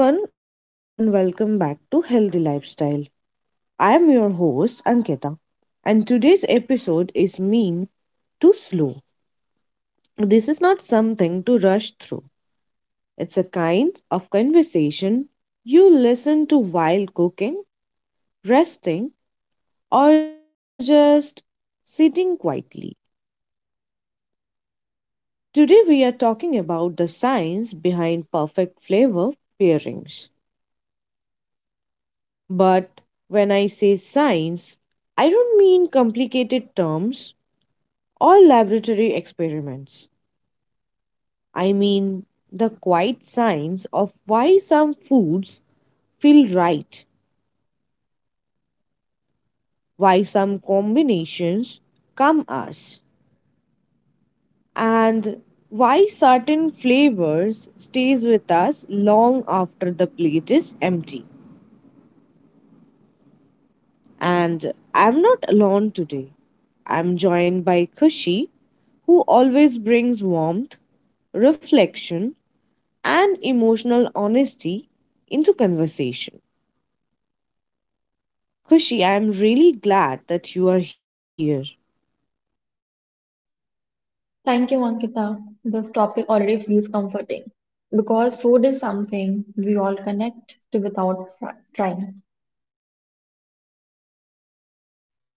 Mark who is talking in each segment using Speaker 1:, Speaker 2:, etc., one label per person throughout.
Speaker 1: Hello, everyone, and welcome back to Healthy Lifestyle. I am your host, Ankita, and today's episode is mean to slow. This is not something to rush through, it's a kind of conversation you listen to while cooking, resting, or just sitting quietly. Today, we are talking about the science behind perfect flavor pairings. But when I say science, I don't mean complicated terms All laboratory experiments, I mean the quiet science of why some foods feel right, why some combinations come us, and why certain flavors stays with us long after the plate is empty. And I'm not alone today. I'm joined by Kushi, who always brings warmth, reflection, and emotional honesty into conversation. Kushi, I'm really glad that you are here.
Speaker 2: Thank you, Ankita. This topic already feels comforting because food is something we all connect to without trying.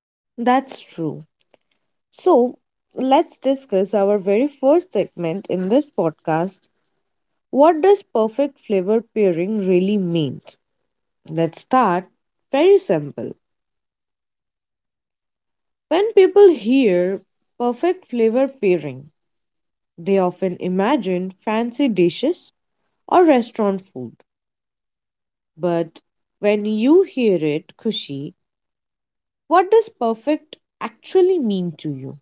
Speaker 1: That's true. So, let's discuss our very first segment in this podcast. What does perfect flavor pairing really mean? Let's start. Very simple. When people hear perfect flavor pairing, they often imagine fancy dishes or restaurant food. But when you hear it, Kushi, what does perfect actually mean to you?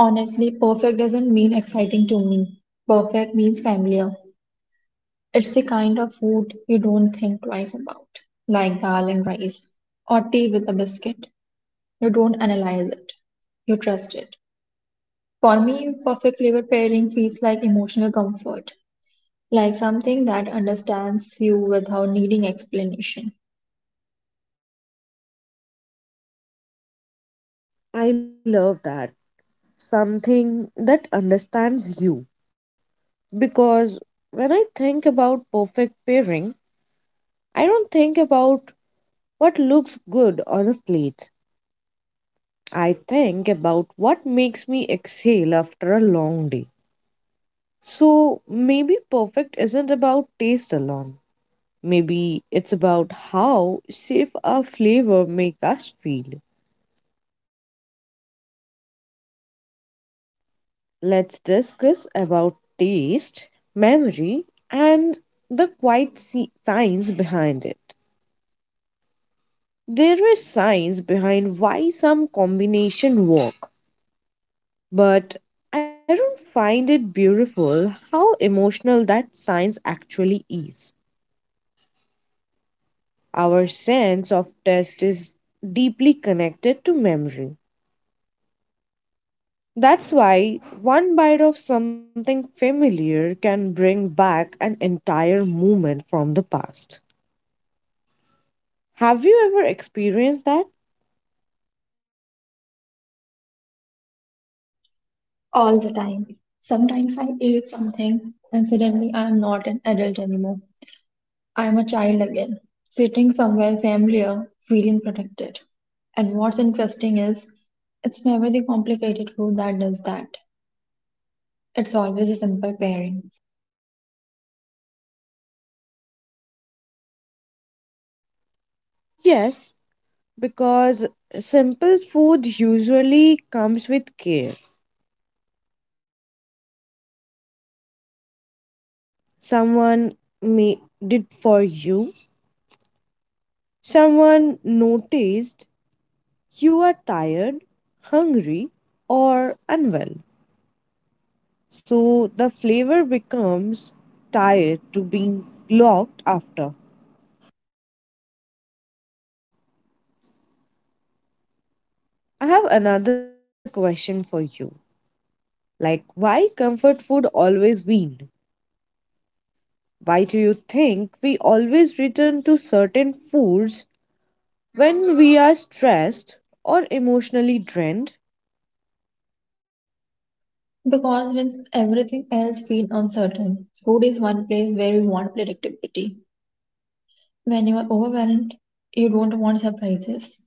Speaker 2: Honestly, perfect doesn't mean exciting to me. Perfect means familiar. It's the kind of food you don't think twice about, like dal and rice or tea with a biscuit. You don't analyze it, you trust it. For me, perfect flavor pairing feels like emotional comfort, like something that understands you without needing explanation.
Speaker 1: I love that something that understands you. Because when I think about perfect pairing, I don't think about what looks good on a plate. I think about what makes me exhale after a long day. So maybe perfect isn't about taste alone. Maybe it's about how safe our flavor make us feel. Let's discuss about taste, memory, and the quiet science behind it. There is science behind why some combination work, but I don't find it beautiful how emotional that science actually is. Our sense of taste is deeply connected to memory. That's why one bite of something familiar can bring back an entire moment from the past. Have you ever experienced that?
Speaker 2: All the time. Sometimes I eat something and suddenly I am not an adult anymore. I am a child again, sitting somewhere familiar, feeling protected. And what's interesting is, it's never the complicated food that does that. It's always a simple pairing.
Speaker 1: Yes, because simple food usually comes with care someone made did for you, someone noticed you are tired, hungry, or unwell. So the flavor becomes tired to being looked after. I have another question for you. Like, why comfort food always win? Why do you think we always return to certain foods when we are stressed or emotionally drained?
Speaker 2: Because when everything else feels uncertain, food is one place where you want predictability. When you are overwhelmed, you don't want surprises.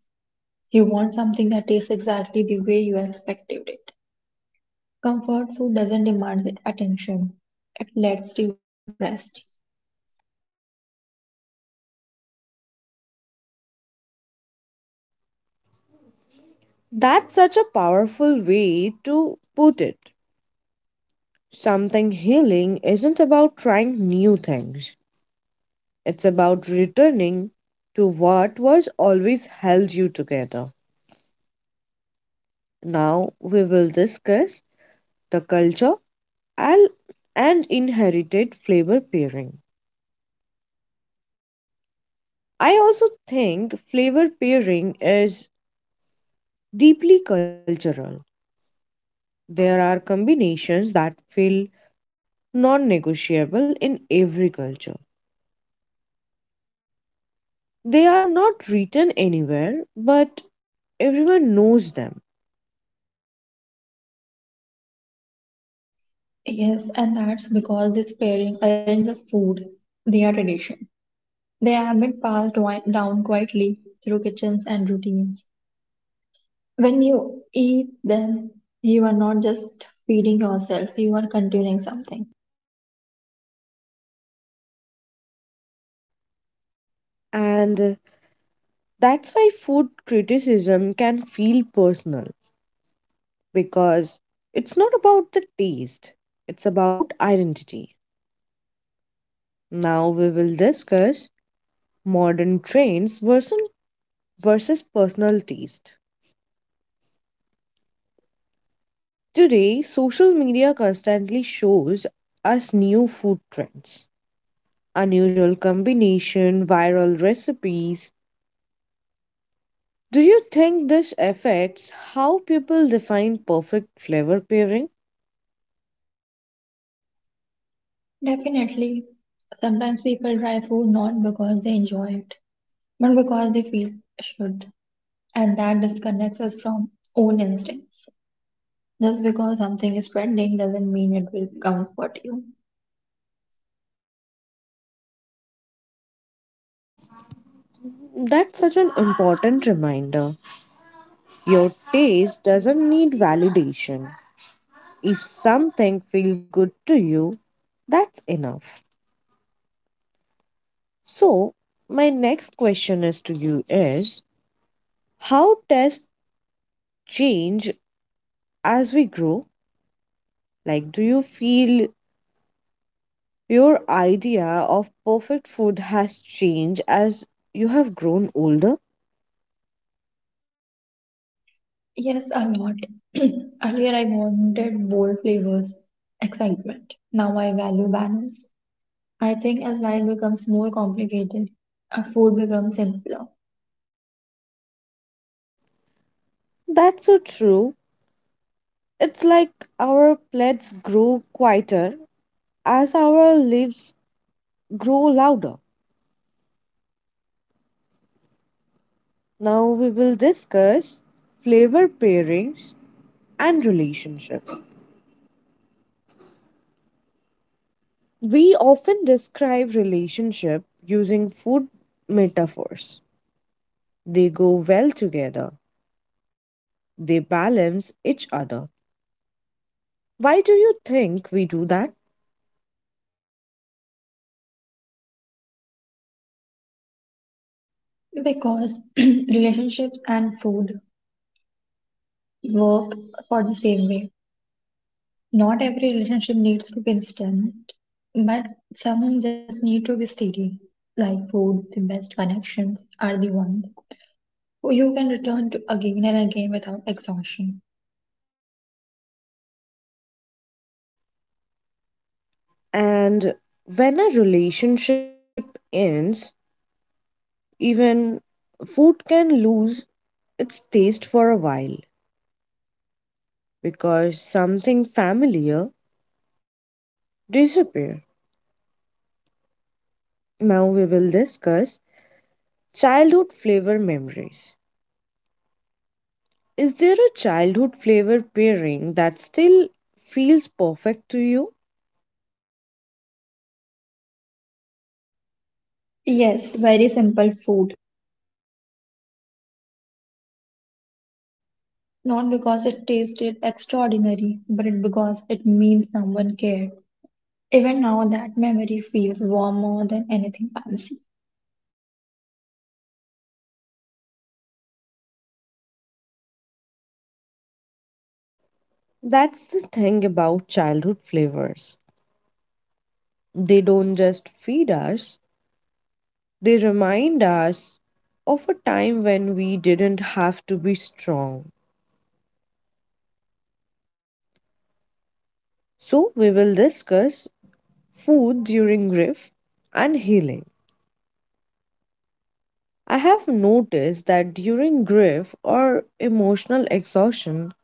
Speaker 2: You want something that tastes exactly the way you expected it. Comfort food doesn't demand attention, it lets you rest.
Speaker 1: That's such a powerful way to put it. Something healing isn't about trying new things, it's about returning to what was always held you together. Now we will discuss the culture and, and inherited flavor pairing. I also think flavor pairing is deeply cultural. There are combinations that feel non negotiable in every culture. They are not written anywhere, but everyone knows them.
Speaker 2: Yes, and that's because this pairing aren't just food, they are tradition. They have been passed down quietly through kitchens and routines. When you eat them, you are not just feeding yourself, you are continuing something.
Speaker 1: And that's why food criticism can feel personal because it's not about the taste, it's about identity. Now we will discuss modern trends versus personal taste. Today, social media constantly shows us new food trends, unusual combination, viral recipes. Do you think this affects how people define perfect flavor pairing?
Speaker 2: Definitely, sometimes people try food not because they enjoy it, but because they feel should, and that disconnects us from own instincts. Just because something is trending doesn't mean it will comfort you.
Speaker 1: That's such an important reminder. Your taste doesn't need validation. If something feels good to you, that's enough. So, my next question is to you is how tastes change as we grow? Like do you feel your idea of perfect food has changed as you have grown older?
Speaker 2: Yes, a lot. Earlier, I wanted bold flavors, excitement. Now I value balance. I think as life becomes more complicated, food becomes simpler
Speaker 1: That's so true. It's like our plates grow quieter as our lives grow louder. Now we will discuss flavor pairings and relationship. We often describe relationship using food metaphors. They go well together. They balance each other. Why do you think we do that?
Speaker 2: because relationships and food work for the same way. Not every relationship needs to be instant, but some just need to be steady. Like food, the best connections are the ones you can return to again and again without exhaustion.
Speaker 1: And when a relationship ends, even food can lose its taste for a while, because something familiar disappear. Now we will discuss childhood flavor memories. Is there a childhood flavor pairing that still feels perfect to you?
Speaker 2: Yes, very simple food. Not because it tasted extraordinary, but it because it means someone cared. Even now, that memory feels warmer than anything fancy.
Speaker 1: That's the thing about childhood flavors. They don't just feed us, they remind us of a time when we didn't have to be strong. So, we will discuss food during grief and healing. I have noticed that during grief or emotional exhaustion,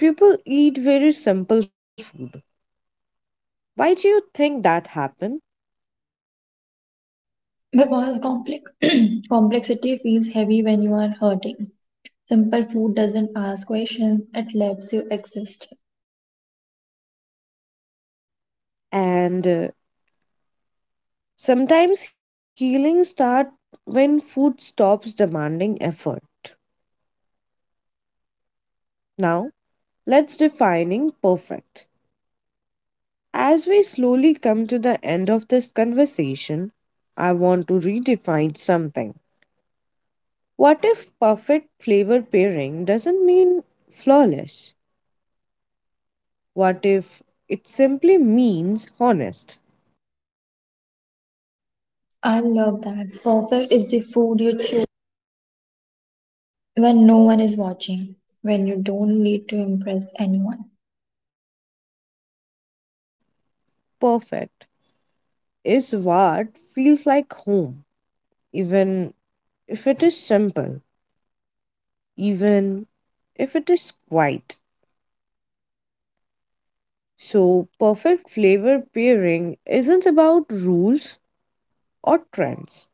Speaker 1: people eat very simple food. Why do you think that happens?
Speaker 2: Because complex complexity feels heavy when you are hurting. Simple food doesn't ask questions, it lets you exist.
Speaker 1: And sometimes healing starts when food stops demanding effort. Now, let's defining perfect. As we slowly come to the end of this conversation, I want to redefine something. What if perfect flavor pairing doesn't mean flawless? What if it simply means honest,
Speaker 2: I love that. Perfect is the food you choose when no one is watching, when you don't need to impress anyone.
Speaker 1: perfect, is what feels like home, even if it is simple, even if it is quiet. So, perfect flavor pairing isn't about rules or trends,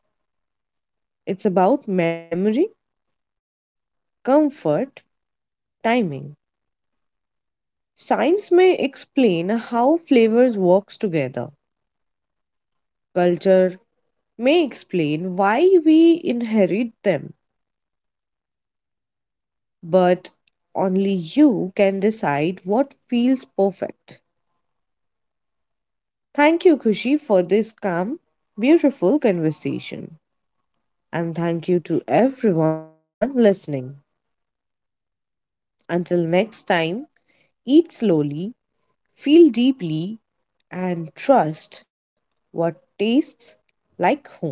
Speaker 1: it's about memory, comfort, timing. Science may explain how flavors work together. Culture may explain why we inherit them, but only you can decide what feels perfect. Thank you, Kushi, for this calm, beautiful conversation. And thank you to everyone listening. Until next time, eat slowly, feel deeply, and trust what tastes like home.